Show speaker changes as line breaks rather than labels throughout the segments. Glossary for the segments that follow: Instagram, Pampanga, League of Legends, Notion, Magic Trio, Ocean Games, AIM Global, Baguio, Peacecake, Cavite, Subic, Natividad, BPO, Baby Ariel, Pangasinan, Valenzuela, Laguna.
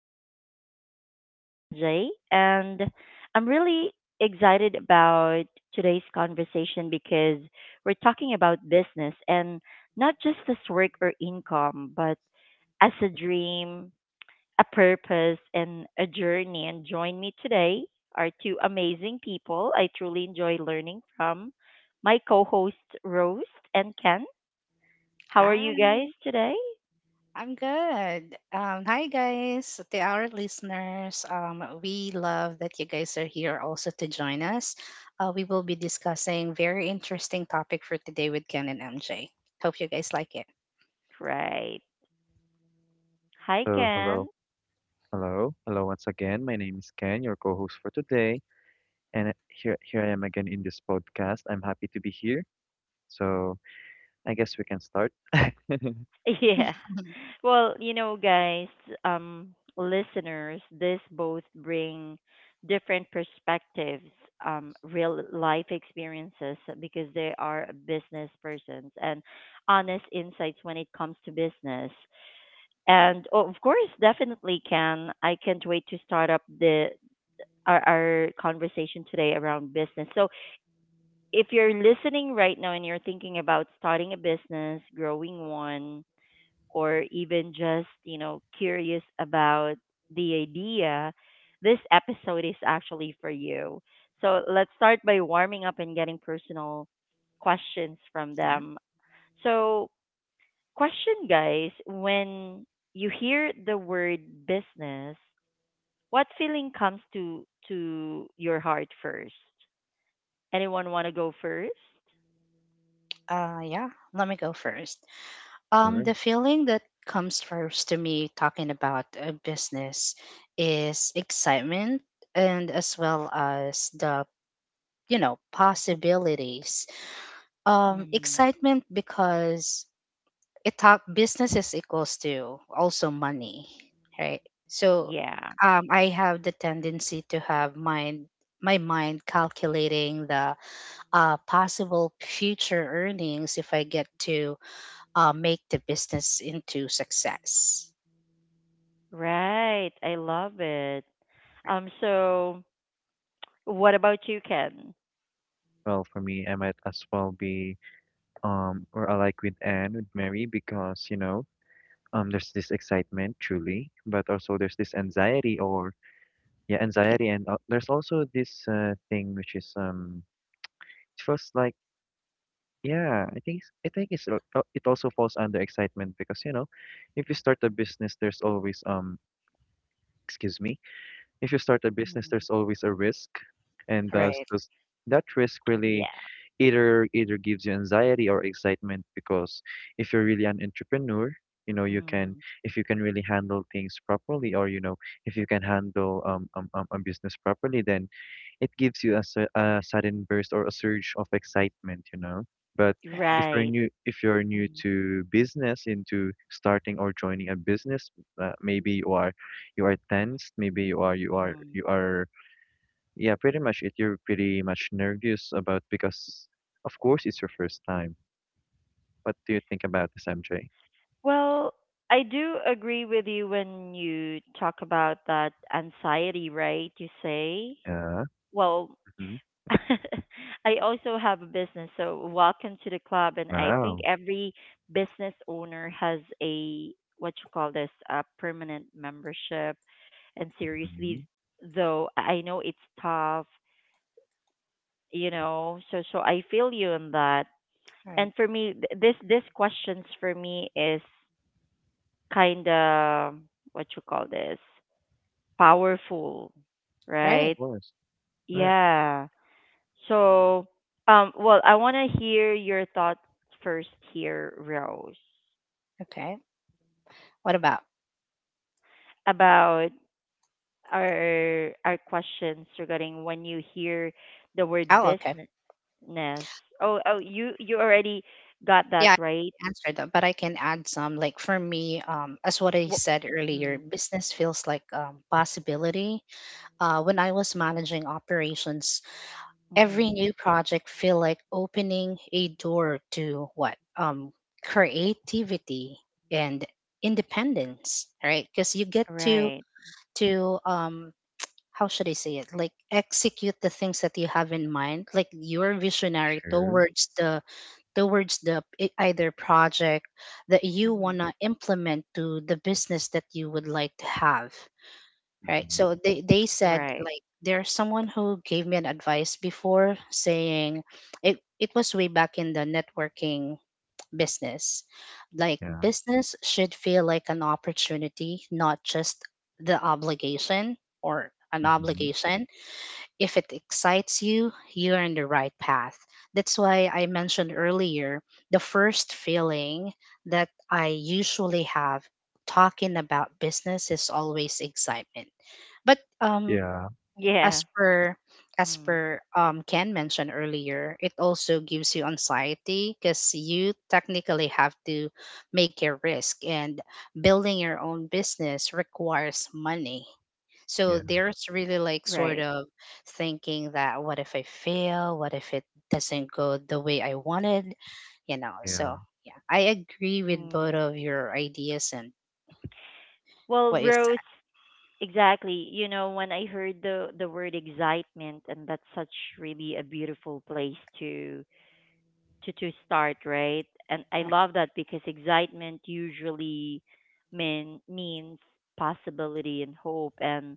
Trio. I'm your host, MJ, and I'm really excited about today's conversation because we're talking about business, and not just as work or income, but as a dream, a purpose, and a journey. And join me today are two amazing people I truly enjoy learning from, my co hosts, Rose and Ken. How are you guys
Hi,
today?
I'm good. Hi guys, to our listeners. We love that you guys are here also to join us. We will be discussing very interesting topic for today with Ken and MJ. Hope you guys like it.
Right. Hi,
So hello,
Ken.
hello, hello once again. My name is Ken, your co-host for today, and here I am again in this podcast. I'm happy to be here. So I guess we can start.
Yeah. Well, you know, guys, um, listeners, this both bring different perspectives, real life experiences because they are business persons and honest insights when it comes to business. And oh, of course, definitely, Ken, I can't wait to start up the our conversation today around business. So, if you're listening right now and you're thinking about starting a business, growing one, or even just, you know, curious about the idea, this episode is actually for you. So let's start by warming up and getting personal questions from
Yeah.
them. So, question guys, when you hear the word business, what feeling comes to your heart first? Anyone want to go first?
Uh, yeah. Let me go first. Um,
Sure.
the feeling that comes first to me talking about a business is excitement and as well as the you know possibilities. Excitement because it talk business is equals to also money, right? So,
Yeah.
I have the tendency to have mind my mind calculating the possible future earnings if I get to make the business into success.
Right. I love it. So what about you, Ken?
Well, for me, I might as well be or alike with Anne with Mary because there's this excitement truly, but also there's this anxiety or yeah
Yeah.
anxiety, and there's also this thing which is it feels like. Yeah, I think I think it's it also falls under excitement because you know, if you start a business, there's always excuse me, if you start a
Mm.
business, there's always a risk, and thus
Right.
thus that risk really
Yeah.
either gives you anxiety or excitement because if you're really an entrepreneur, you know you can
Mm,
if you can really handle things properly or you know if you can handle a business properly, then it gives you a sudden burst or a surge of excitement, you know. But
Right.
right.
if you're new
Mm,
to business, into starting or joining a business, maybe you are tensed. Maybe you are, you are,
mm.
you are. Yeah, pretty much it. You're pretty much nervous about because, of course, it's your first time. What do you think about this, MJ?
Well, I do agree with you when you talk about that anxiety, right? You say,
Yeah.
well,
Hmm.
I also have a business, so welcome to the club. And I think
Wow.
every business owner has a, what you call this, a permanent membership. And
Hmm.
seriously,
Of
though, I know it's tough, you know. So I feel you on that.
Right.
And for me, this questions for me is kind of, what you call this, powerful,
Right.
right?
course. Right.
Yeah. So, well, I want to hear your thoughts first here, Rose,
Okay. What about?
about our questions regarding when you hear the word
Oh, okay.
business. Oh, oh, you already got that
Yeah,
right.
I answered that, but I can add some. Like for me, as what I
Wh-
said earlier,
Mm,
business feels like possibility. When I was managing operations, every
mm-hmm.
new project feel like opening a door to what creativity and independence, right? Because you get to
Right.
to um, how should I say it? Like execute the things that you have in mind. Like you're visionary
Sure.
towards the either project that you
Mm-hmm.
want to implement to the business that you would like to have, right?
Hmm.
So they said
Right.
like there's someone who gave me an advice before saying it, it was way back in the networking business. Like
Yeah.
business should feel like an opportunity, not just the obligation or an
Hmm.
obligation. If it excites you, you're on the right path. That's why I mentioned earlier the first feeling that I usually have talking about business is always excitement. But
Yeah.
as
Yeah.
per as
Mm,
per Ken mentioned earlier, it also gives you anxiety because you technically have to make a risk, and building your own business requires money. So
Yeah.
there's really like sort
right.
of thinking that what if I fail? What if it doesn't go the way I wanted? You know, so
Yeah. Of
yeah, I agree with both
Mm.
of your ideas and
Well,
what you said.
Rose. Exactly. You know, when I heard the word excitement, and that's such really a beautiful place to to start, right? And I love that because excitement usually means possibility and hope. And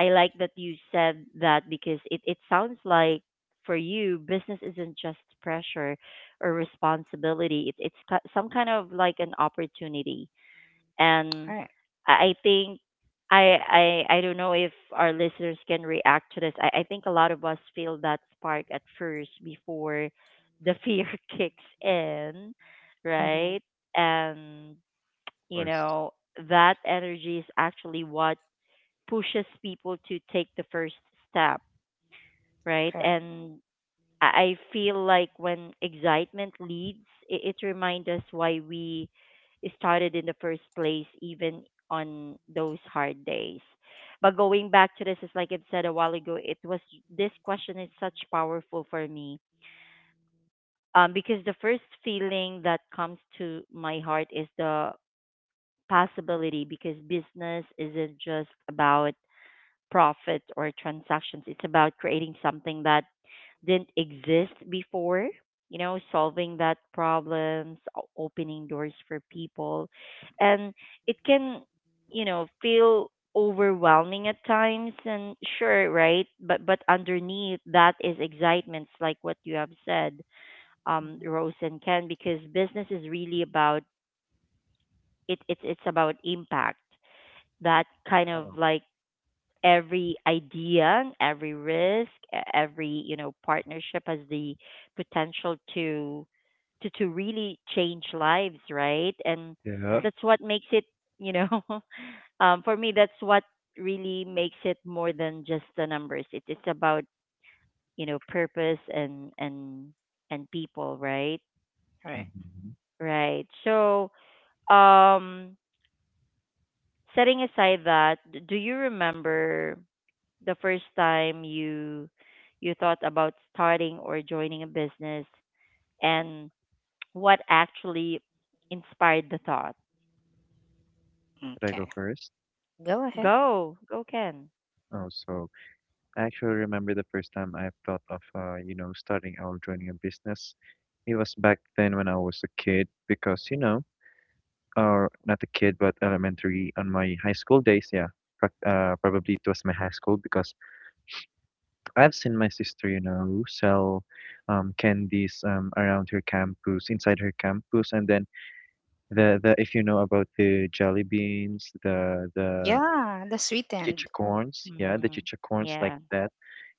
I like that you said that because it sounds like for you, business isn't just pressure or responsibility. It's some kind of like an opportunity.
All right.
And I think I I don't know if our listeners can react to this. I think a lot of us feel that spark at first before the fear kicks in, right?
Mm-hmm.
And you
course.
know that energy is actually what pushes people to take the first step, right?
Correct.
And I feel like when excitement leads, it reminds us why we started in the first place, even on those hard days. But going back to this, it's like I said a while ago, it was this question is such powerful for me. Because the first feeling that comes to my heart is the possibility, because business isn't just about profit or transactions. It's about creating something that didn't exist before, you know, solving that problems, opening doors for people. And it can, you know, feel overwhelming at times and sure, right? But underneath that is excitement, like what you have said,
Mm-hmm.
Rose and Ken, because business is really about it's about impact. That kind of
Wow.
like every idea, every risk, every, you know, partnership has the potential to to really change lives, right? And
All
Yeah.
right.
that's what makes it, you know, for me, that's what really makes it more than just the numbers. It's about, you know, purpose and people, right?
All right.
Hmm.
Right. So, um, setting aside that, do you remember the first time you thought about starting or joining a business, and what actually inspired the thought?
Should I
Okay.
go first?
Go ahead.
Go Ken.
Oh, so I actually remember the first time I thought of, starting out joining a business. It was back then when I was a kid because, or not a kid, but elementary on my high school days. Yeah. Probably it was my high school because I've seen my sister, you know, sell candies around her campus, inside her campus, and then the if you know about the jelly beans, the
Yeah, the sweet end.
Chichicorns, yeah, the
Mm-hmm.
chichicorns like
Yeah.
that.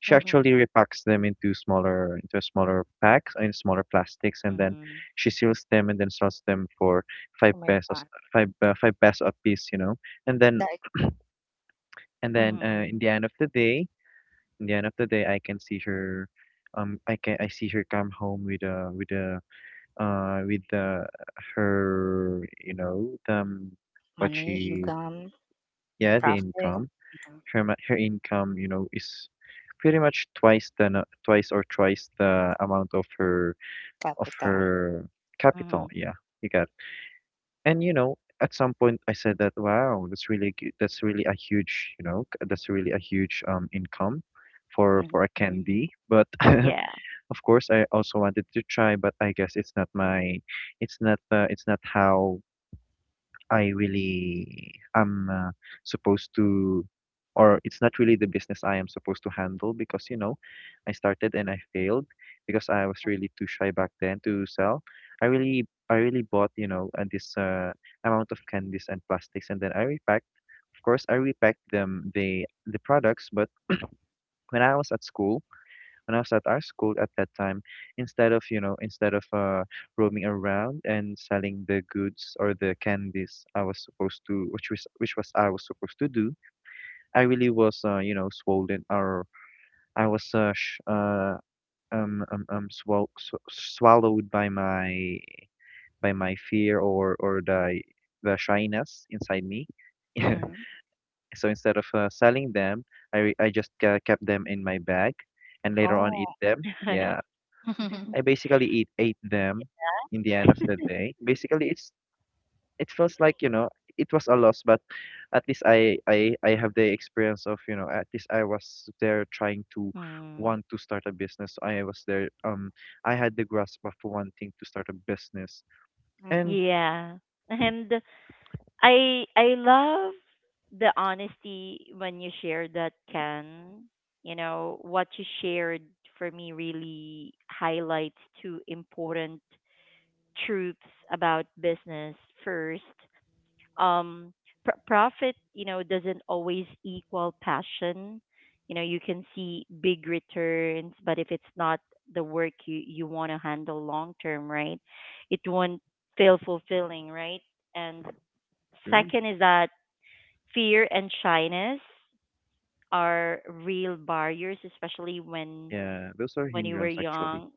She actually
Mm-hmm.
repacks them into smaller packs in smaller plastics, and then
Mhm.
she seals them and then sells them for five
Oh my God.
pesos, five five peso a piece, you know. And then
Like
Mhm.
in the end of the day, in the end of the day, I can see her. I can I see her come home with uh with uh her you know the what
money,
she
income,
yeah the
profit,
income
mhm,
her income, you know, is pretty much twice than twice or thrice the amount of her of
capital.
her capital.
Mhm.
Yeah, you got it. And you know, at some point I said that, wow, that's really good. That's really a huge, that's really a huge income for a
Mm-hmm.
Mhm.
candy. But
Yeah.
of course, I also wanted to try, but I guess it's not my, it's not how I really am supposed to, or it's not really the business I am supposed to handle because, you know, I started and I failed because I was really too shy back then to sell. I really bought, you know, this amount of candies and plastics, and then I repacked. Of course, I repacked them the products, but when I was at school when I was at our school at that time, instead of, you know, instead of roaming around and selling the goods or the candies I was supposed to, which was I was supposed to do, I really was, swollen or I was sh swal sw swallowed by my fear or the shyness inside me.
Mm-hmm.
So instead of selling them, I just kept them in my bag and later on eat
Oh.
them. Yeah. I basically eat ate them in the end of the day. Basically, it's it feels like you know it was a loss, but at least I have the experience of you know at least I was there trying to
Mm.
want to start a business. I was there. I had the grasp of wanting to start a business, and
Mm-hmm.
Yeah. And I love the honesty when you share that, Ken. You know, what you shared for me really highlights two important truths about business. First, um, profit, you know, doesn't always equal passion. You know, you can see big returns, but if it's not the work you want to handle long term, right? It won't feel fulfilling, right? And
mm,
second is that fear and shyness are real barriers, especially
yeah, those are
when you were
hindrance actually.
young.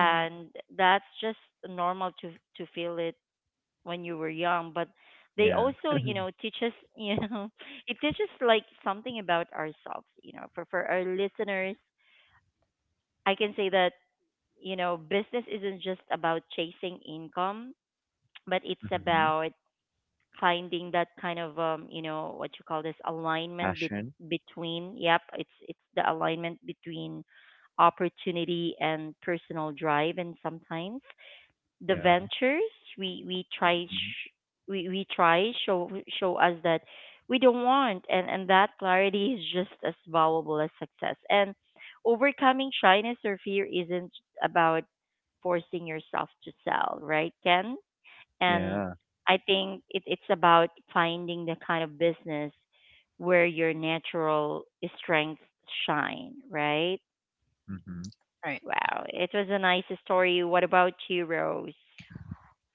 Mm-hmm.
and that's just normal to feel it when you were young. But they
Yeah,
also, you know, teach us, you know, it teaches like something about ourselves. You know, for our listeners, I can say that, you know, business isn't just about chasing income, but it's
mm-hmm.
about finding that kind of, um, you know, what you call this, alignment
Passion.
between, yep it's the alignment between opportunity and personal drive. And sometimes the
Yeah,
ventures we try
hmm
we try show us that we don't want, and that clarity is just as valuable as success. And overcoming shyness or fear isn't about forcing yourself to sell, right, Ken? And
yeah,
I think it's about finding the kind of business where your natural strengths shine, right?
mm-hmm.
Right.
Wow, it was a nice story. What about you, Rose?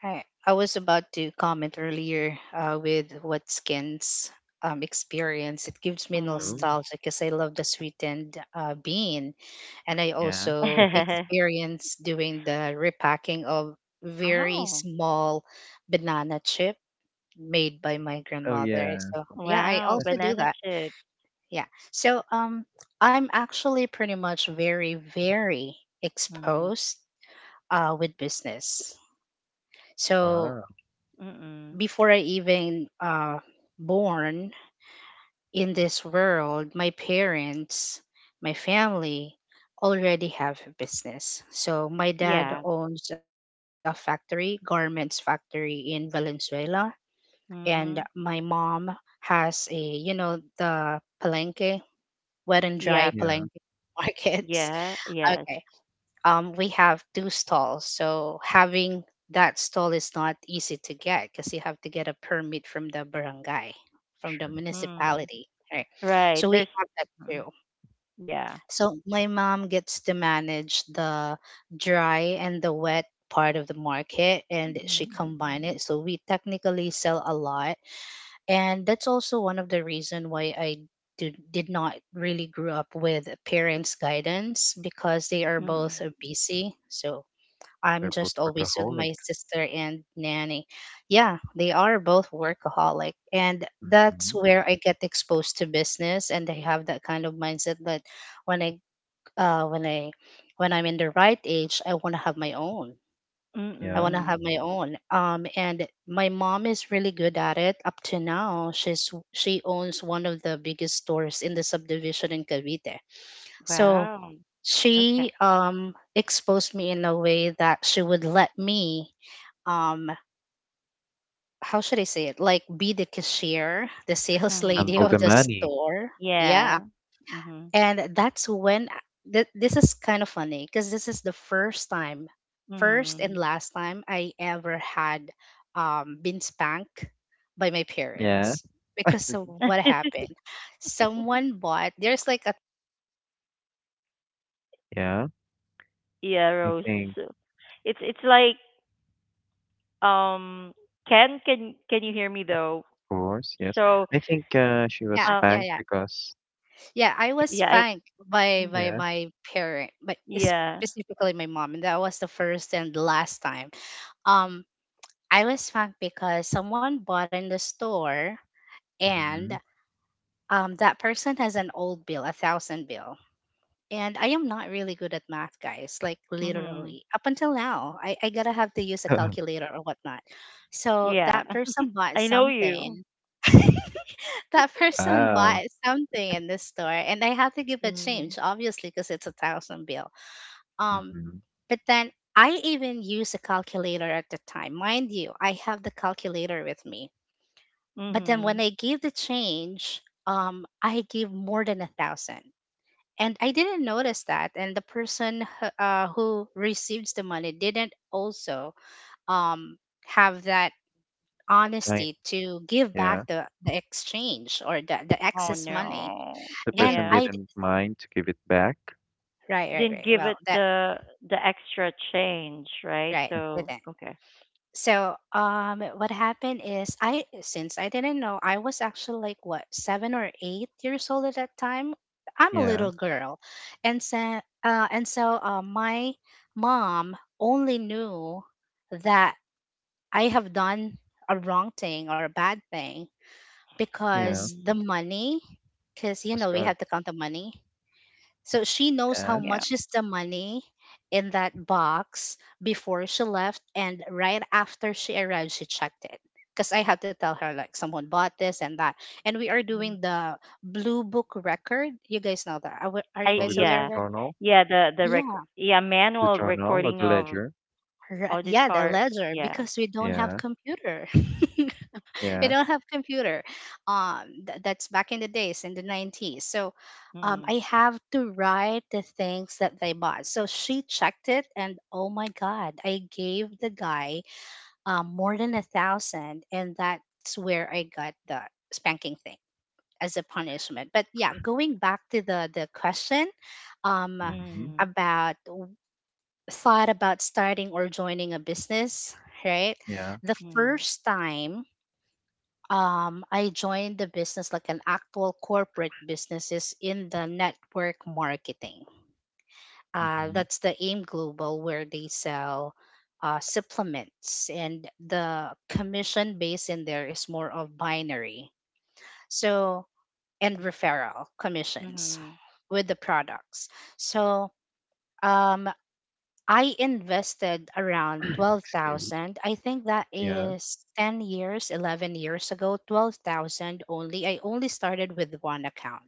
I was about to comment earlier with what skins experience. It gives me
True.
Mm.
nostalgia because I love the sweetened bean. And I
Yeah.
also experience doing the repacking of very
Oh,
small banana chip made by my
Oh
grandmother.
yeah.
So yeah, I
wow,
also do
banana
that.
chips.
Yeah. So I'm actually pretty much very, very
Mm.
exposed with business. So
Wow.
Mm-mm.
before I even born in this world, my parents, my family already have a business. So my dad
Yeah.
owns a factory, garments factory in Valenzuela, and
Mm.
my mom has a you know the palenque, wet and dry
Yep.
Yeah.
palenque markets.
Yeah. Yes.
Okay, um, we have two stalls, so having that stall is not easy to get because you have to get a permit from the barangay, from the
Sure.
Mm.
municipality, right?
Right.
So we
There's.
have that too.
Mm. Yeah.
So my mom gets to manage the dry and the wet part of the market, and she combine it, so we technically sell a lot. And that's also one of the reason why I did not really grew up with parents guidance because they are
Mm.
both busy, so I'm
They're both
just always with my
workaholics.
sister and nanny. Yeah, they are both workaholic, and that's
Mhm.
where I get exposed to business, and they have that kind of mindset that when i when I when I'm in the right age, I want to have my own.
Mm.
I
Yeah.
want to
Mm-mm.
have my own. And my mom is really good at it up to now. She owns one of the biggest stores in the subdivision in Cavite. So
Wow. Okay.
she exposed me in a way that she would let me um how should I say it? Like be the cashier, the sales
Mm-hmm.
lady
Handle
of
the
the
money.
store. Yeah,
Yeah. Mm-hmm.
and that's when this is kind of funny because this is the first time, first
Mm-hmm.
and last time I ever had been spanked by my
Yeah.
parents because of what happened, someone bought, there's like a
Yeah.
Yeah,
I
Rose.
think,
So it's like, um, Ken, can you hear me though?
of course, yes.
So
I think she was
yeah,
uh,
yeah,
spanked
yeah,
because,
yeah, I was
yeah, I,
spanked by
mm,
yeah.
my parent, but
yeah.
specifically my mom, and that was the first and last time um I was spanked because someone bought in the store, and
Hmm.
that person has an old bill, a thousand bill. And I am not really good at math, guys, like
Mhm.
literally. Up until now, I gotta have to use a calculator or whatnot. So
Yeah.
that person bought
I know
something.
you.
That person bought
Wow.
something in the store, and I had to give a change,
Mhm.
obviously, because it's a thousand bill. Um,
Hmm.
but then I even use a calculator at the time. Mind you, I have the calculator with me. But then when
Mhm.
I gave the change, I gave more than a thousand. And I didn't notice that. And the person who receives the money didn't also um, have that
Right.
honesty to give back
Yeah.
the exchange or the
Oh
excess money.
no.
The
And
person
Yeah.
I, d-
didn't mind to give it back.
right, right,
Didn't
right.
give
Well,
it
that,
the extra change, right?
right,
So
didn't.
okay.
So, what happened is I, since I didn't know, I was actually like what, seven or eight years old at that time. I'm a
Yeah.
little girl, and so, my mom only knew that I have done a wrong thing or a bad thing
Yeah. It
because the
Mhm.
money, because you know we
good.
have to count the money. So she knows how
Yeah.
Yeah.
much is the money in that box before she left, and right after she arrived, she checked it. Because I had to tell her, like, someone bought this and that. And we are
Mm-hmm.
doing the Blue Book record. You guys know that. Are, are you
I,
Oh,
guys
because
aware of
yeah.
it?
Yeah, the rec,
Yeah.
yeah,
the
manual
journal or
recording
the
of
ledger.
Right, yeah, the
auditor,
ledger
yeah.
because we don't have
Yeah.
computer. We
Yeah.
don't have computer. Um, that's back in the days in the 90s. So,
Mm.
I have to write the things that they bought. So she checked it, and oh my god, I gave the guy more than a thousand, and that's where I got the spanking thing as a punishment. But yeah, going back to the question, um,
Hmm.
Mm.
about thought about starting or joining a business, right?
Yeah.
The
Mm.
first time I joined the business, like an actual corporate business, is in the network marketing. Uh,
Hmm.
that's the AIM Global, where they sell supplements, and the commission base in there is more of binary. So, and referral commissions
Mhm.
with the products. So, um, I invested around
Excuse.
12,000. I think that
Yeah.
is 10 years, 11 years ago, 12,000 only. I only started with one account.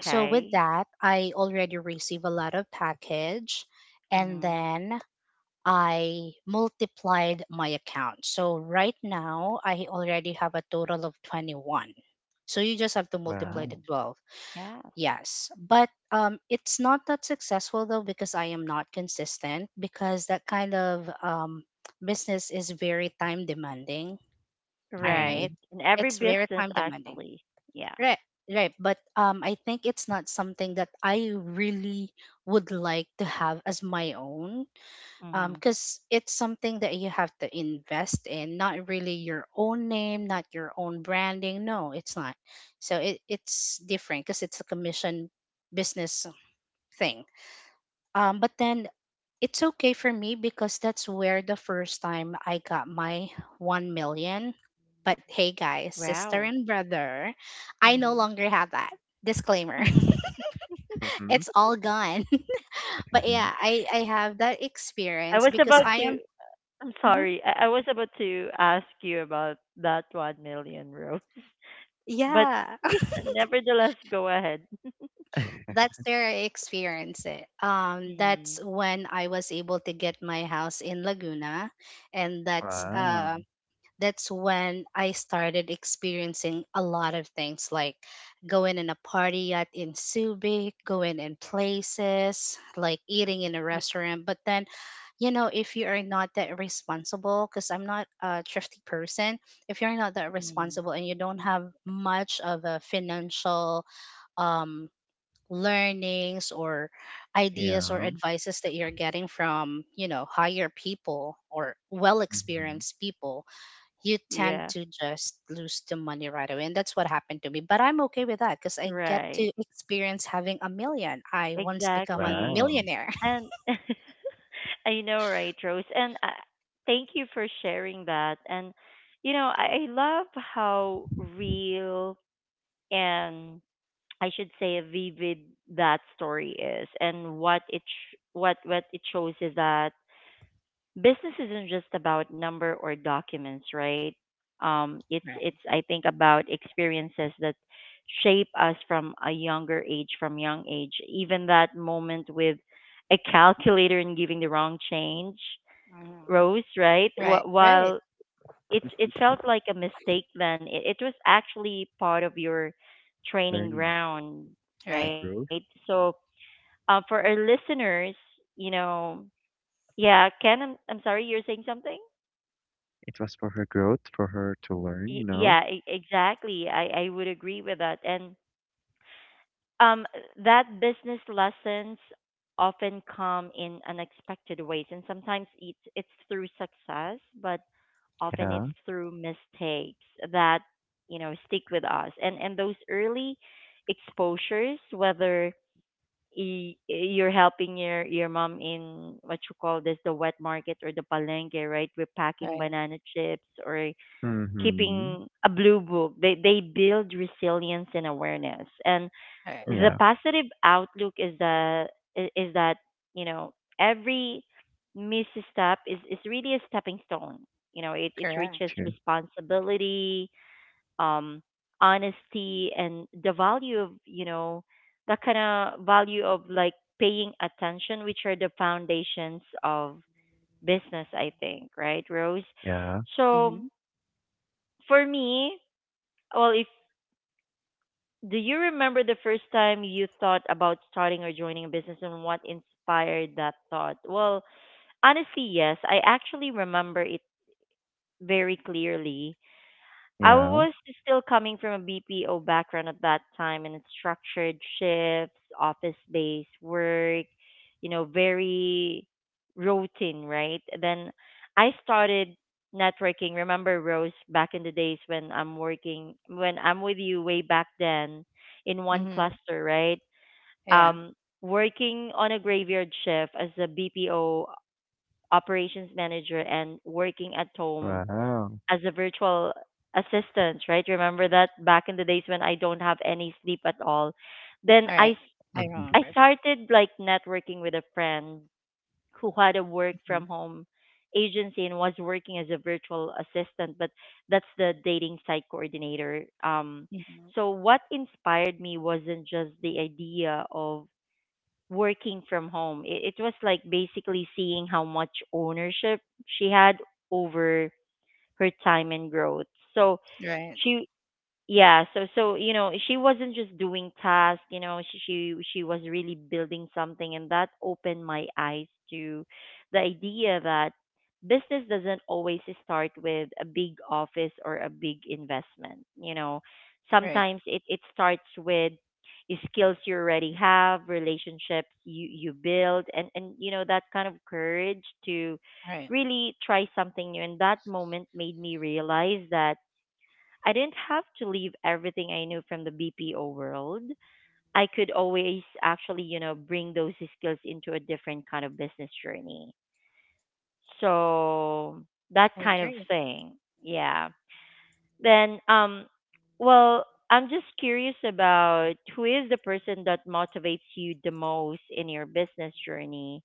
So with that, I already receive a lot of package, and
Mhm.
then I multiplied my account. So right now, I already have a total of 21. So you just have to
Wow.
multiply the
Oh,
12.
yeah.
Yes, but it's not that successful though because I am not consistent because that kind of business is very time demanding. All right,
Hmm.
Right. In
it's
every
very time
business
demanding.
actually. Yeah.
Right, right. But I think it's not something that I really would like to have as my own,
Mhm.
because it's something that you have to invest in, not really your own name, not your own branding. No, it's not. So it's different because it's a commission business thing. But then it's okay for me because that's where the first time I got my 1 million. But hey, guys, sister
Wow.
and brother, I no
Mhm.
longer have that. Disclaimer.
Hmm.
It's all gone. But yeah, I have that
I
experience
was
because
about
I
to
am.
I'm
Mhm.
sorry. I was about to ask you about that 1 million, rows. But
Yeah,
yeah, nevertheless, go ahead.
that's where I experience it.
Mhm.
That's when I was able to get my house in Laguna, and
Mhm.
Wow.
that's when I started experiencing a lot of things like going in a party at in Subic, going in places, like eating in a restaurant. But then, you know, if you are not that responsible, because I'm not a thrifty person, if you're not that
Mm,
responsible and you don't have much of a financial um learnings or ideas or
Yeah.
advices that you're getting from you know higher people or well
Hmm.
experienced people, you tend
yeah,
to just lose the money right away. And that's what happened to me. But I'm okay with that because I get
right.
to experience having a million. I once become a
Exactly.
Wow.
millionaire.
And I know, right, Rose? And thank you for sharing that. And, you know, I love how real and, I should say, vivid that story is. And what it what it shows is that business isn't just about number or documents, right?
Right.
It's, I think, about experiences that shape us from a younger age, from young age. Even that moment with a calculator and giving the wrong change,
Mhm.
Rose, right?
Right. Right.
While it felt like a mistake then, it was actually part of your training
Learning
ground,
a
Right.
right?
growth.
So for our listeners, you know, yeah, Ken, I'm sorry, you're saying something.
It was for her growth, for her to learn, you know?
Yeah, exactly, I would agree with that. And, um, that business lessons often come in unexpected ways, and sometimes it's through success, but often
Yeah.
it's through mistakes that, you know, stick with us. And those early exposures, whether you're helping your mom in, what you call this, the wet market or the palengke, right, we're packing
Right.
banana chips, or
Mm-hmm.
keeping a blue book. They build resilience and awareness. And
Right.
the
Yeah.
positive outlook is that is that, you know, every misstep is really a stepping stone. You know, it
Correct.
reaches
Sure.
responsibility, um, honesty, and the value of, you know, the kind of value of like paying attention, which are the foundations of business. I think, right, Rose?
Yeah.
So
Mm-hmm.
for me, well, if do you remember the first time you thought about starting or joining a business and what inspired that thought? Well, honestly, yes. I actually remember it very clearly. I
Yeah.
was still coming from a BPO background at that time, and it's structured shifts, office-based work, you know, very routine, right? Then I started networking. Remember, Rose, back in the days when I'm working, when I'm with you way back then, in one
Mm-hmm.
cluster, right?
Yeah.
Um, working on a graveyard shift as a BPO operations manager and working at home
Wow.
as a virtual assistant, right? Remember that back in the days when I don't have any sleep at all.
All
Then
right. I
I
remember.
started like networking with a friend who had a work
Mm-hmm.
from home agency and was working as a virtual assistant, but that's the dating site coordinator. Um,
Mm-hmm.
so what inspired me wasn't just the idea of working from home. It was like basically seeing how much ownership she had over her time and growth. So
Right.
she yeah, so so, you know, she wasn't just doing tasks, you know, she she was really building something. And that opened my eyes to the idea that business doesn't always start with a big office or a big investment, you know,
Right.
sometimes it starts with skills you already have, relationships you build, and you know, that kind of courage to
Right.
really try something new. And that moment made me realize that I didn't have to leave everything I knew from the BPO world. I could always actually, bring those skills into a different kind of business journey. So that
I
kind of
agree.
thing. Yeah. Then well, I'm just curious about who is the person that motivates you the most in your business journey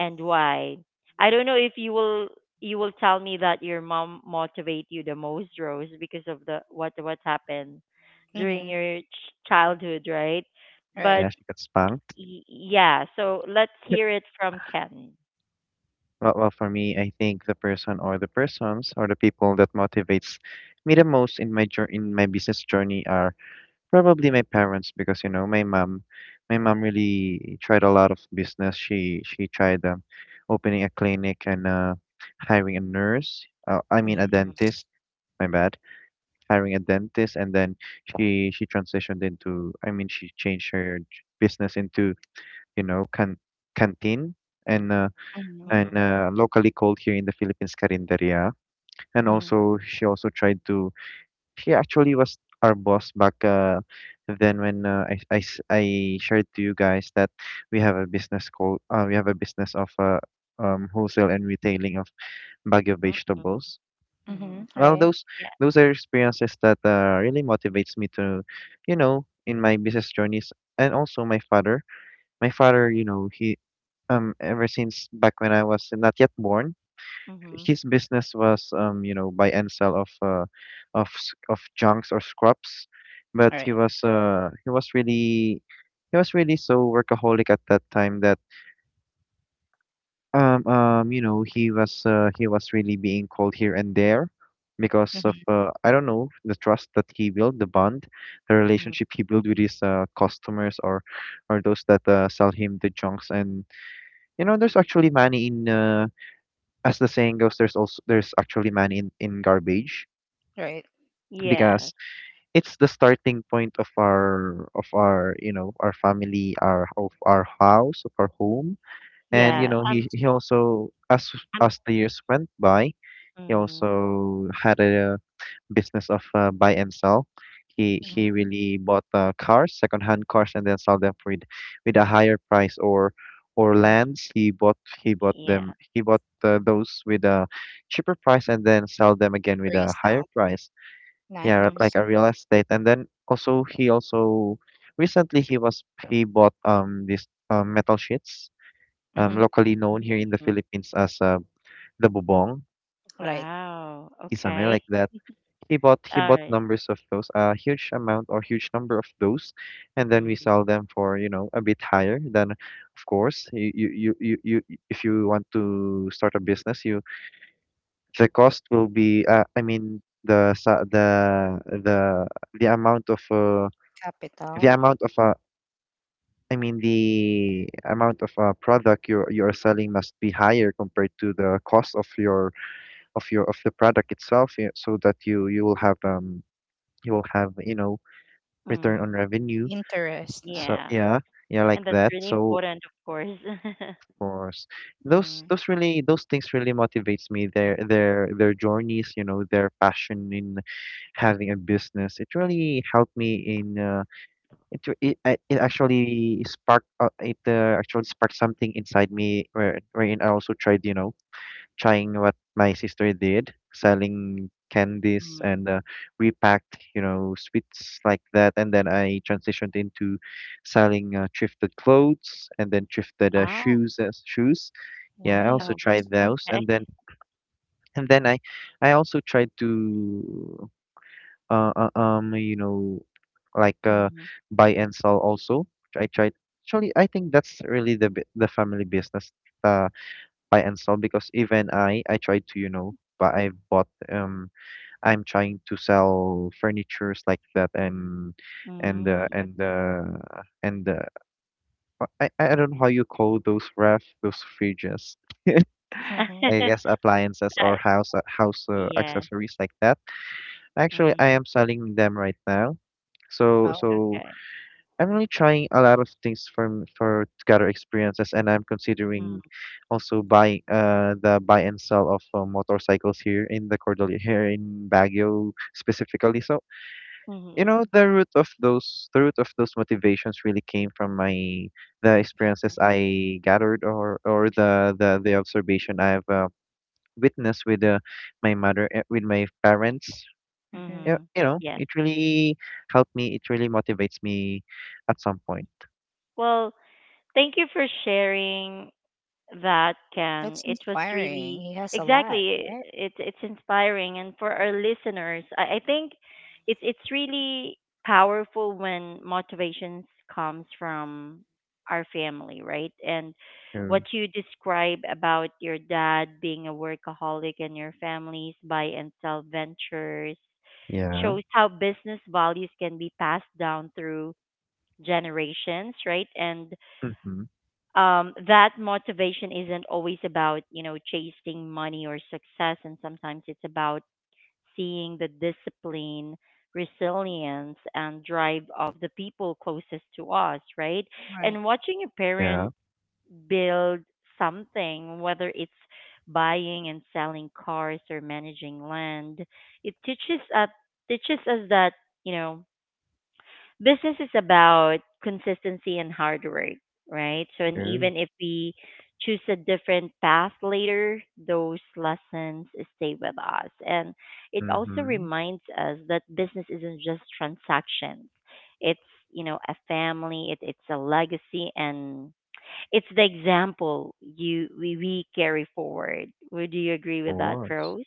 and why? I don't know if you will tell me that your mom motivate you the most, Rose, because of the what happened during
Mm-hmm.
your childhood, right?
Right.
But
Yeah, she got spanked.
yeah, so let's hear it from Ken.
Well, well, for me, I think the person or the persons or the people that motivates me the most in my jour in my business journey are probably my parents because you know my mom really tried a lot of business. She tried opening a clinic and hiring a nurse. I mean a
Mm-hmm.
Mm-hmm.
dentist. My bad. Hiring a dentist and then she transitioned into. I mean she changed her business into you know canteen and
Mm-hmm.
Mm-hmm.
locally called here in the Philippines carinderia. And also she also tried to she actually was our boss back then when I shared to you guys that we have a business called we have a business of wholesale and retailing of bag of vegetables.
Mm-hmm.
Mm-hmm.
Well,
Right.
Yeah.
those are experiences that really motivates me to, you know, in my business journeys and also my father. My father, you know, he ever since back when I was not yet born
Mm-hmm.
his business was you know buy and sell of of junks or scrubs, but
All right.
he was really so workaholic at that time that you know he was really being called here and there because of
Mm-hmm.
I don't know the trust that he built, the bond, the
Mm-hmm.
relationship he built with his customers or those that sell him the junks and you know there's actually money in as the saying goes there's actually money in garbage
Right.
Yes.
because it's the starting point of our you know our family our of our house of our home and you
Yeah.
Nice.
know
I'm.
he also
I'm.
as the years went by he
Mm,
also had a business of buy and sell he
Mm-hmm.
really bought cars second hand cars and then sell them for with a higher price or
mm,
lands he bought
yeah.
them he bought those with a cheaper price and then sell them again with a higher
Resell.
price yeah, like
Nice.
a
Mm-hmm.
real estate. And then also he also recently he was he bought this metal sheets,
Mm-hmm.
locally known here in the
Mm-hmm.
Philippines as the bubong,
Right.
Wow.
kisame
Okay.
like that. He bought
All right.
numbers of those, a huge amount or huge number of those, and then we
Mm,
sell them for, you know, a bit higher than of course you if you want to start a business, you the cost will be I mean the the amount of the
Capital.
amount of uh, I mean the amount of product you're selling must be higher compared to the cost of your of the product itself, yeah, so that you will have you will have you know return
mm.
on revenue.
Interest.
So
Yeah,
yeah, yeah, like
and that's
that.
really
So
important, of course.
of course,
Mm,
those really those things really motivates me. Their journeys, you know, their passion in having a business. It really helped me in. It it, it actually sparked something inside me where wherein I also tried you know trying what my sister did selling candies
mm.
and repacked you know sweets like that and then I transitioned into selling thrifted clothes and then thrifted
Oh,
shoes as shoes yeah I
Right.
also
oh,
tried those
okay.
and then and then I I also tried to you know like uh
Mm,
buy and sell also I tried actually I think that's really the the family business uh buy and sell because even I tried to you know but I bought I'm trying to sell furnitures like that and and uh,
mm,
and uh, and uh, I don't know how you call those ref those fridges
okay.
Mm-hmm.
I guess appliances or
I,
house
yes.
accessories like that. Actually, I
Mm,
am selling them right now
Oh.
so
okay.
I'm really trying a lot of things from for to gather experiences, and I'm considering
Mm,
also buy the buy and sell of motorcycles here in the Cordillera here in Baguio specifically. So you know
mm-hmm,
the root of those the root of those motivations really came from my the experiences I gathered or the observation I've witnessed with my mother eh, with my parents
Mm-hmm.
you
mm-hmm.
you know,
Yes.
it really helped me. It really motivates me at some point.
Well, thank you for sharing, that can
That's
it was
inspiring.
really,
He has a lot,
exactly,
right?
it's inspiring, and for our listeners, I think it's really powerful when motivations comes from our family, right? And what
Um,
you describe about your dad being a workaholic and your family's buy and sell ventures
yeah.
shows how business values can be passed down through generations, right? And
Mm-hmm.
that motivation isn't always about, you know, chasing money or success, and sometimes it's about seeing the discipline, resilience, and drive of the people closest to us, right?
Right.
And watching a parent
Yeah.
build something, whether it's buying and selling cars or managing land, it teaches us that, you know, business is about consistency and hard work, right? So, and
True.
even if we choose a different path later, those lessons stay with us. And it also
Mm-hmm. Of
reminds us that business isn't just transactions. It's a family, it's a legacy, and it's the example we carry forward. Would you agree with that,
course.
Rose?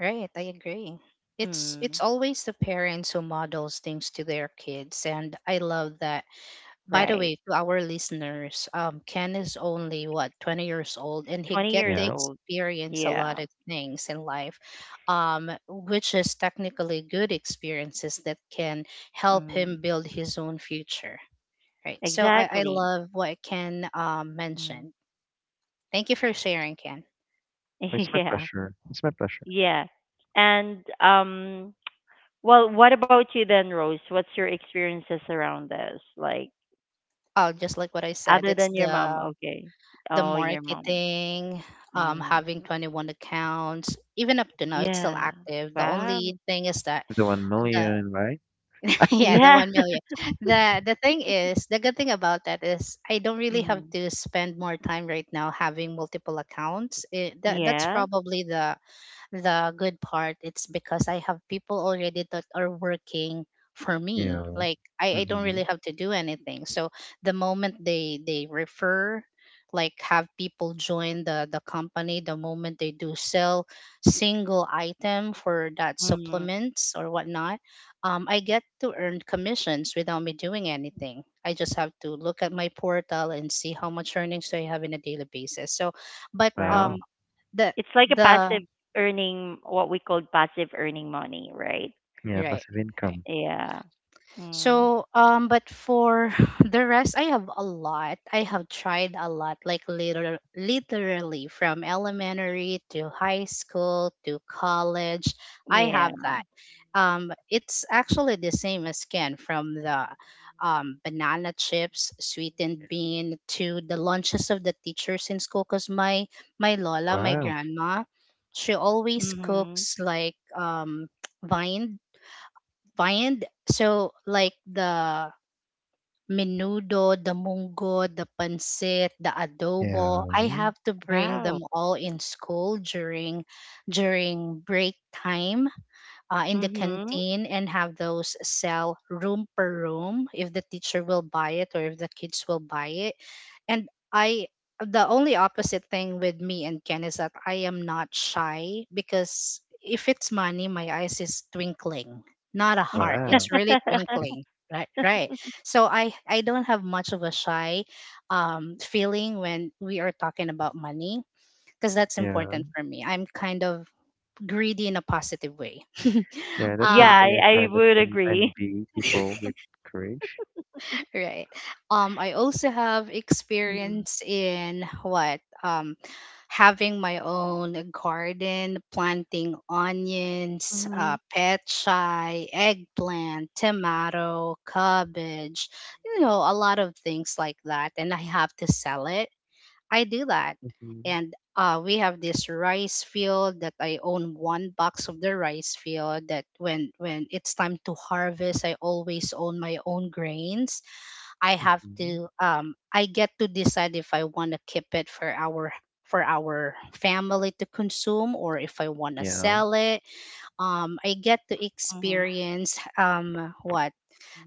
Right. I agree. It's
Mm,
always the parents who models things to their kids, and I love that. By the
right.
way, to our listeners, Ken is only what 20 years old, and he
20
get
years
to
Yeah.
old.
experience a
Yeah.
lot of things in life, um, which is technically good experiences that can help
Mm-hmm.
him build his own future. Right. So I
Exactly.
love what Ken
Mm.
mentioned. Thank you for sharing, Ken.
It's my
Yeah.
pleasure. It's my pleasure.
Yeah. And well, what about you then, Rose? What's your experiences around this? Like
Oh, just like what I said,
other
it's
than your mom, okay.
the
Oh, your mom.
marketing,
Mm.
having 21 accounts, even up to now, it's still
Yeah.
active. The
Wow.
only thing is that
The one
the
million, right?
yeah, the
Yeah.
one million. The thing is, the good thing about that is I don't really have
Mm.
to spend more time right now having multiple accounts. It, that that's
Yeah.
probably the good part, it's because I have people already that are working for me,
Yeah.
like I don't
Mm-hmm.
really have to do anything. So the moment they refer, like have people join the company, the moment they do sell single item for that
Mm.
supplements or whatnot, I get to earn commissions without me doing anything. I just have to look at my portal and see how much earnings do I have in a daily basis. So but
Wow.
Wow.
the
It's like a
the
passive earning, what we call passive earning money, right?
Yeah.
Right.
Passive
Right.
income.
Yeah. Mm.
So, but for the rest, I have a lot. I have tried a lot, like literally from elementary to high school to college. I
Yeah.
have that. It's actually the same as Ken, from the banana chips, sweetened bean, to the lunches of the teachers in school. Cause my Lola, my
Wow.
grandma, she always
Mhm.
cooks like vined Find. So like the menudo, the mungo, the pancit, the
Yeah.
adobo. I have to bring
Wow.
them all in school during during break time in the
Mhm.
canteen and have those sell room per room if the teacher will buy it or if the kids will buy it. And I, the only opposite thing with me and Ken is that I am not shy, because if it's money, my eyes is twinkling, not a heart.
Wow.
It's really twinkling. Right, right. So I don't have much of a shy feeling when we are talking about money, because that's
Yeah.
important for me. I'm kind of greedy in a positive way.
Yeah. That's
Yeah,
something
Um,
I,
I
I
kind of
would
en
agree.
envy people with courage.
Right. I also have
Mm.
experience in what having my own garden, planting onions,
Hmm.
pechay, eggplant, tomato, cabbage, you know, a lot of things like that, and I have to sell it. I do that,
Mm-hmm.
and we have this rice field that I own one box of the rice field. That when it's time to harvest, I always own my own grains. I have
Mm-hmm.
to I get to decide if I want to keep it for our family to consume or if I want to
Yeah.
sell it. Um, I get to
Hmm.
experience what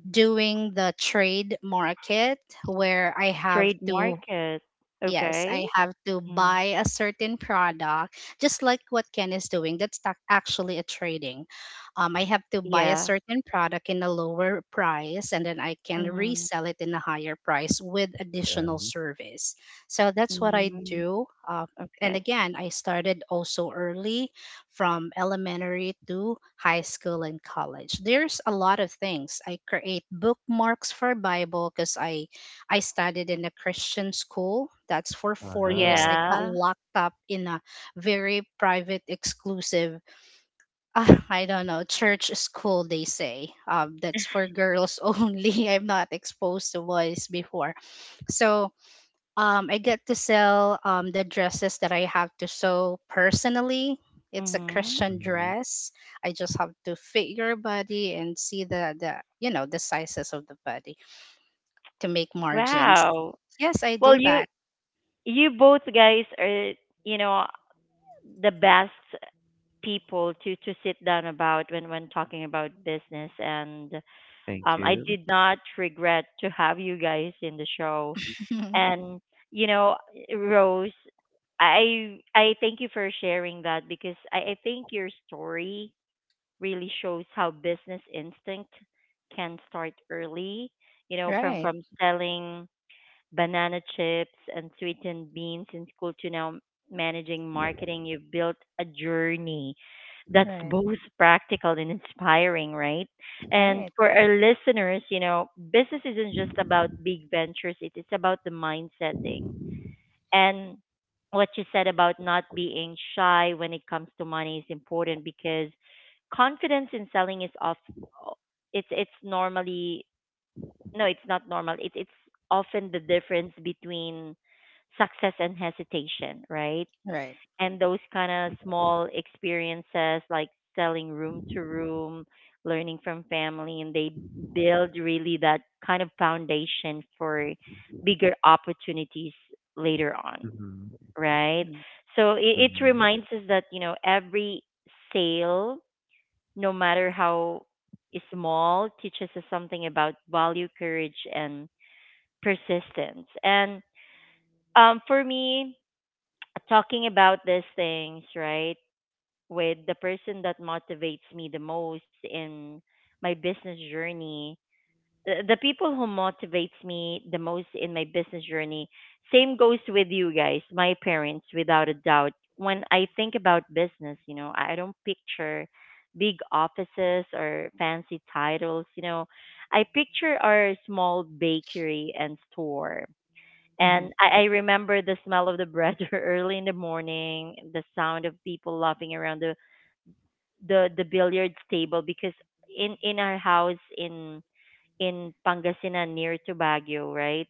doing the trade market where I have
Trade
to,
market.
yes,
Okay.
I have to
Mm.
buy a certain product, just like what Ken is doing. That's actually a trading. I have to buy a
Yeah.
certain product in a lower price, and then I can
Mm.
resell it in a higher price with additional
Yeah.
service. So that's what I
Mm.
do. Uh, and
Okay.
again, I started also early from elementary to high school and college. There's a lot of things. I create bookmarks for Bible because I studied in a Christian school. That's for 4 years.
Wow.
I got
Yeah.
locked up in a very private, exclusive, I don't know, church school, they say. That's for girls only. I'm not exposed to boys before. So I get to sell the dresses that I have to sew personally. It's a
Hmm.
Christian
Mm-hmm.
dress. I just have to fit your body and see the you know the sizes of the body to make margins.
Wow.
Yes, I
Well,
do
you
that.
you both guys are, you know the best people to sit down about when talking about business. And
Thank
I
you.
did not regret to have you guys in the show. And you know, Rose, I thank you for sharing that, because I think your story really shows how business instinct can start early. You know, from
Right,
from selling banana chips and sweetened beans in school to now managing marketing, you've built a journey that's
right,
both practical and inspiring, right? And
right,
for our listeners, business isn't just about big ventures, it is about the mind setting. And what you said about not being shy when it comes to money is important, because confidence in selling is off, it's normally, no, it's not normal. It's often the difference between success and hesitation, right?
right.
And those kind of small experiences, like selling room to room, learning from family, and they build really that kind of foundation for bigger opportunities later on,
Mhm,
right? So it
mhm,
reminds us that, every sale, no matter how small, teaches us something about value, courage, and persistence. And for me, talking about these things, right, with the person that motivates me the most in my business journey, the people who motivates me the most in my business journey, same goes with you guys, my parents, without a doubt. When I think about business, I don't picture big offices or fancy titles. I picture our small bakery and store,
Mm-hmm.
and I remember the smell of the bread early in the morning, the sound of people laughing around the billiards table, because in our house in Pangasinan near to Baguio, right?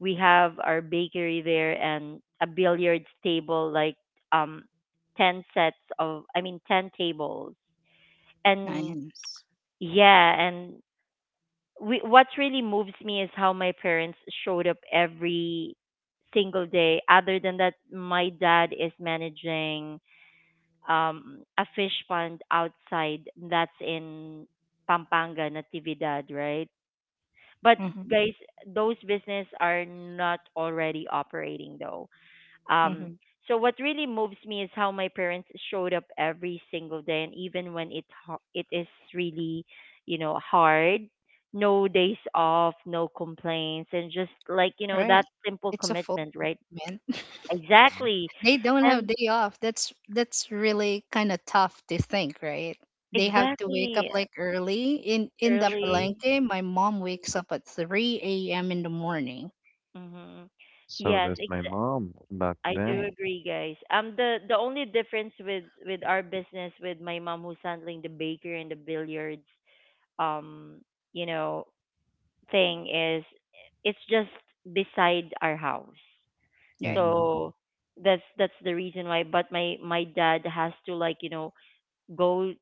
We have our bakery there and a billiards table, like um 10 sets of, I mean, 10 tables. And
Nice.
yeah, and what really moves me is how my parents showed up every single day. Other than that, my dad is managing a fish pond outside, that's in Pampanga, Natividad, right? But
Mm-hmm.
guys, those business are not already operating though. Um,
Mm-hmm.
so what really moves me is how my parents showed up every single day, and even when it is really, you know, hard. No days off, no complaints, and just like you know that
Right.
simple
It's a full
commitment, right?
man.
mhm.
Exactly,
They don't have
and
day off. That's really kind of tough to think, right? They have to wake up
exactly
like early. In the
True.
early.
Palenque, my mom wakes up at 3 a.m. in the morning.
Hmm.
So
Yes,
does my mom back
I
then.
do
Right.
agree, guys. The only difference with our business with my mom who's handling the bakery and the billiards, um, you know, thing is it's just beside our house.
Right.
Hmm.
So that's the reason why, but my dad has to, like, go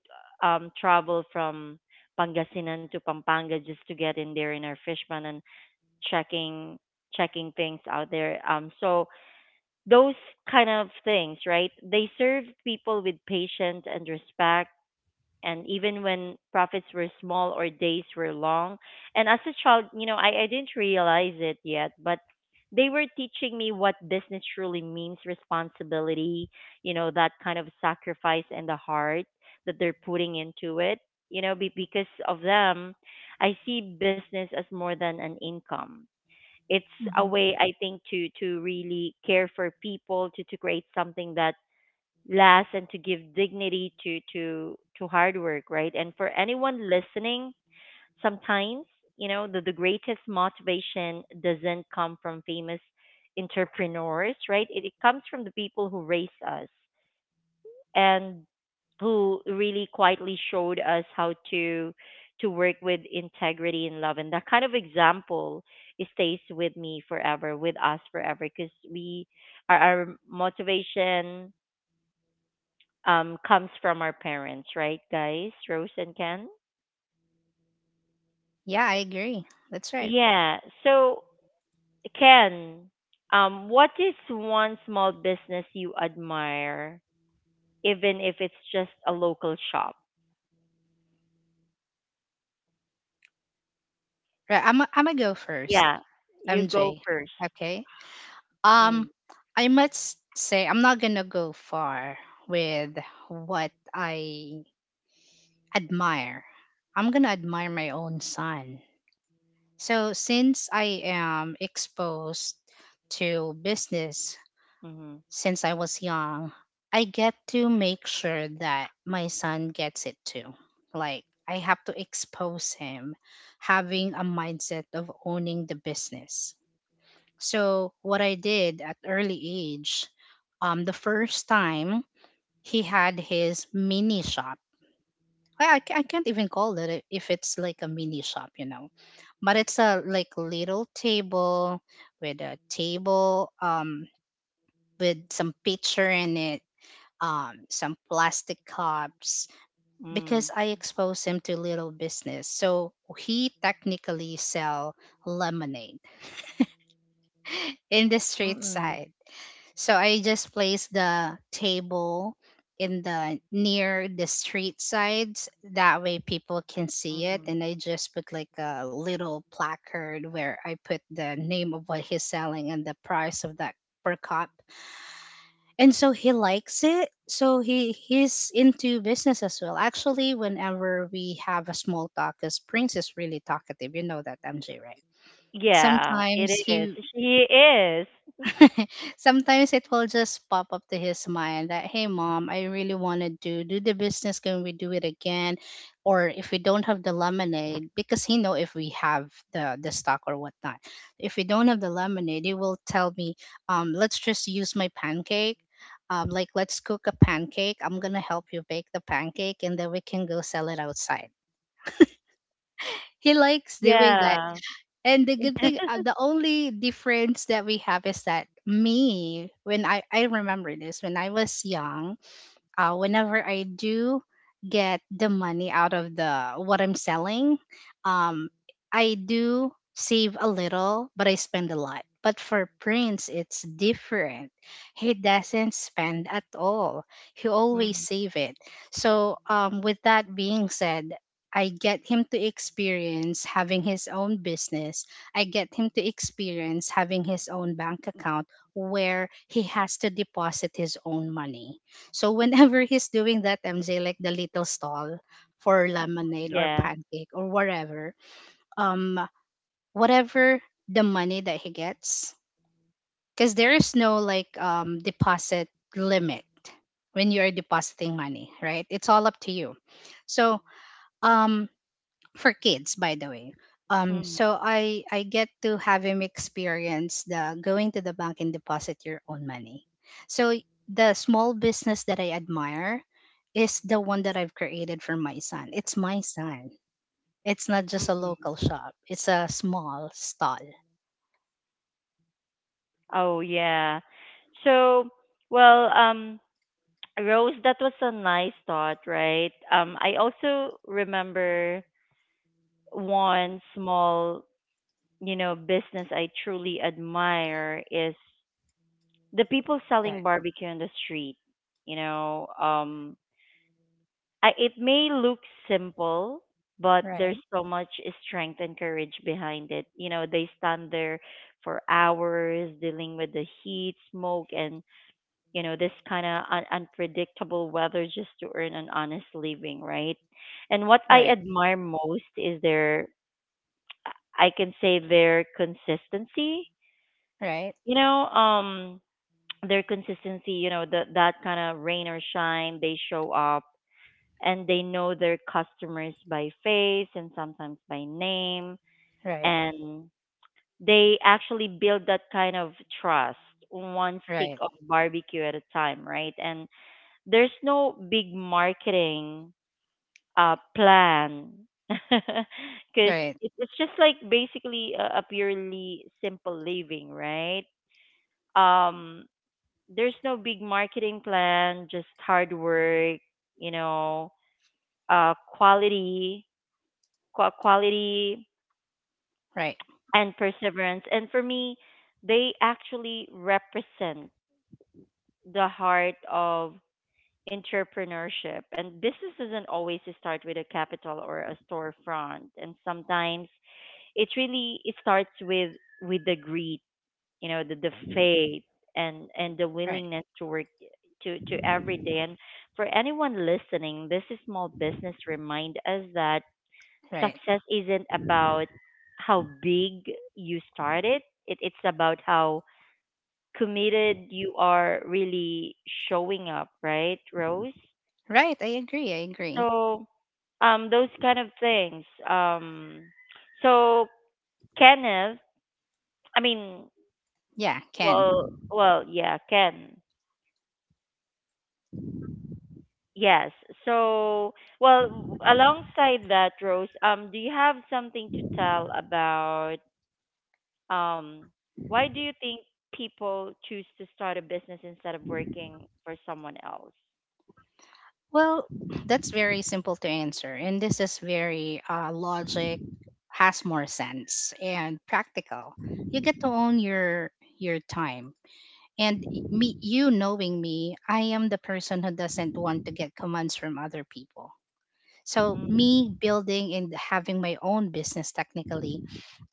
travel from Pangasinan to Pampanga, just to get in there in our fishman and checking checking things out there. So those kind of things, right? They serve people with patience and respect, and even when profits were small or days were long. And as a child, you know, I didn't realize it yet, but they were teaching me what business truly means: responsibility, you know, that kind of sacrifice, and the heart that they're putting into it. You know, be, because of them, I see business as more than an income. It's a
Mm-hmm.
way, I think, to really care for people, to create something that last, and to give dignity to hard work, right? And for anyone listening, sometimes, the greatest motivation doesn't come from famous entrepreneurs, right, it comes from the people who raised us, and who really quietly showed us how to work with integrity and love. And that kind of example, it stays with me forever, with us forever, because our motivation, comes from our parents, right, guys? Rose and Ken?
Yeah, I agree. That's right.
Yeah. So, Ken, what is one small business you admire, even if it's just a local shop?
Right. I'm gonna go first.
Yeah, you go
MJ.
first.
Okay. Um,
Mm,
I must say, I'm not gonna go far with what I admire. I'm gonna admire my own son. So, since I am exposed to business
mm-hmm,
since I was young, I get to make sure that my son gets it too. Like, I have to expose him having a mindset of owning the business, so what I did at early age, the first time he had his mini shop. I can't even call it if it's like a mini shop, you know, but it's a like little table with a table with some picture in it, some plastic cups,
mm,
because I expose him to little business. So he technically sell lemonade in the street
mm-mm,
side. So I just placed the table in the near the street sides. That way people can see
mm-mm.
it. And I just put like a little placard where I put the name of what he's selling and the price of that per cup. And so he likes it. So he's into business as well. Actually, whenever we have a small talk, because Prince is really talkative, you know that MJ, right?
Yeah, it
Sometimes
is.
he
She is.
Sometimes it will just pop up to his mind that, hey, mom, I really want to do the business. Can we do it again? Or if we don't have the lemonade, because he know if we have the stock or whatnot. If we don't have the lemonade, he will tell me, let's just use my pancake. Like let's cook a pancake. I'm gonna help you bake the pancake, and then we can go sell it outside. He likes doing that.
Yeah.
And the good thing, the only difference that we have is that me, when I remember this, when I was young, whenever I do get the money out of the what I'm selling, um, I do save a little, but I spend a lot. But for Prince, it's different. He doesn't spend at all. He always
Mm,
save it. So, with that being said, I get him to experience having his own business. I get him to experience having his own bank account where he has to deposit his own money. So whenever he's doing that MJ, like the little stall for lemonade or
yeah.
pancake or whatever, um, whatever the money that he gets, because there is no like deposit limit when you are depositing money, right? It's all up to you. So um for kids by the way, um
Mm,
so I get to have him experience the going to the bank and deposit your own money. So the small business that I admire is the one that I've created for my son. It's my son. It's not just a
mm.
local shop, it's a small stall.
Oh, yeah. So, well, Rose, that was a nice thought, right? I also remember one small, business I truly admire is the people
Right,
selling barbecue on the street. You know, um, it may look simple, but
right,
there's so much strength and courage behind it. They stand there for hours, dealing with the heat, smoke, and, this kind of unpredictable weather, just to earn an honest living, right? And what I
right,
admire most is their, I can say, their consistency.
right,
You know, um, their consistency. That kind of rain or shine, they show up, and they know their customers by face and sometimes by name,
right,
and they actually build that kind of trust, one stick
right,
of barbecue at a time, right? And there's no big marketing, plan,
right,
because
right,
it's just like basically a purely simple living, right? Um, there's no big marketing plan, just hard work, you know, quality, quality
right,
and perseverance. And for me, they actually represent the heart of entrepreneurship. And business doesn't always start with a capital or a storefront. And sometimes it starts with the greed, the faith and the willingness to work to every day. And for anyone listening, this is small business, remind us that
right,
success isn't about how big you started. It's about how committed you are, really showing up, right, Rose?
right, I agree, I agree.
So, those kind of things. Um, so Kenneth, I mean,
Yeah, Ken.
well, yeah, Ken. Yes. So, well, alongside that, Rose, do you have something to tell about um, why do you think people choose to start a business instead of working for someone else?
Well, that's very simple to answer, and this is very logic, has more sense and practical. You get to own your time, and me, you knowing me, I am the person who doesn't want to get commands from other people. So
Mm.
me building and having my own business technically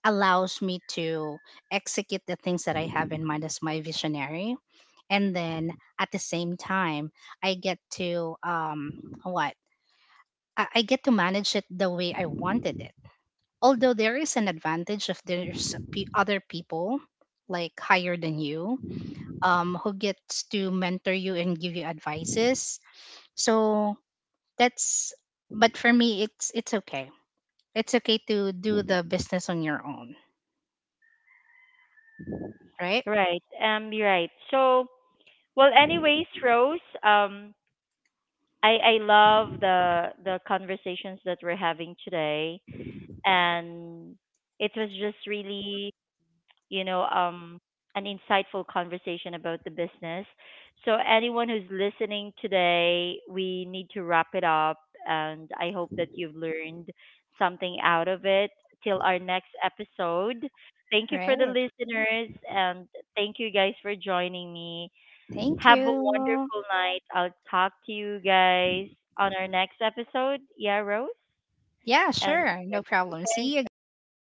allows me to execute the things that I have in mind as my visionary, and then at the same time, I get to what I get to manage it the way I wanted it. Although there is an advantage if there's other people like higher than you, who gets to mentor you and give you advices. So that's, but for me it's okay. It's okay to do the business on your own, right?
Right. You're right. So, well, anyways, Rose, I love the conversations that we're having today, and it was just really you know um an insightful conversation about the business. So anyone who's listening today, we need to wrap it up, and I hope that you've learned something out of it. Till our next episode, thank you for the
Right.
listeners, and thank you guys for joining me.
Thank
Have a
you.
wonderful night. I'll talk to you guys on our next episode. Yeah, Rose?
Yeah,
And
sure. No problem.
okay,
See you
all right.
guys.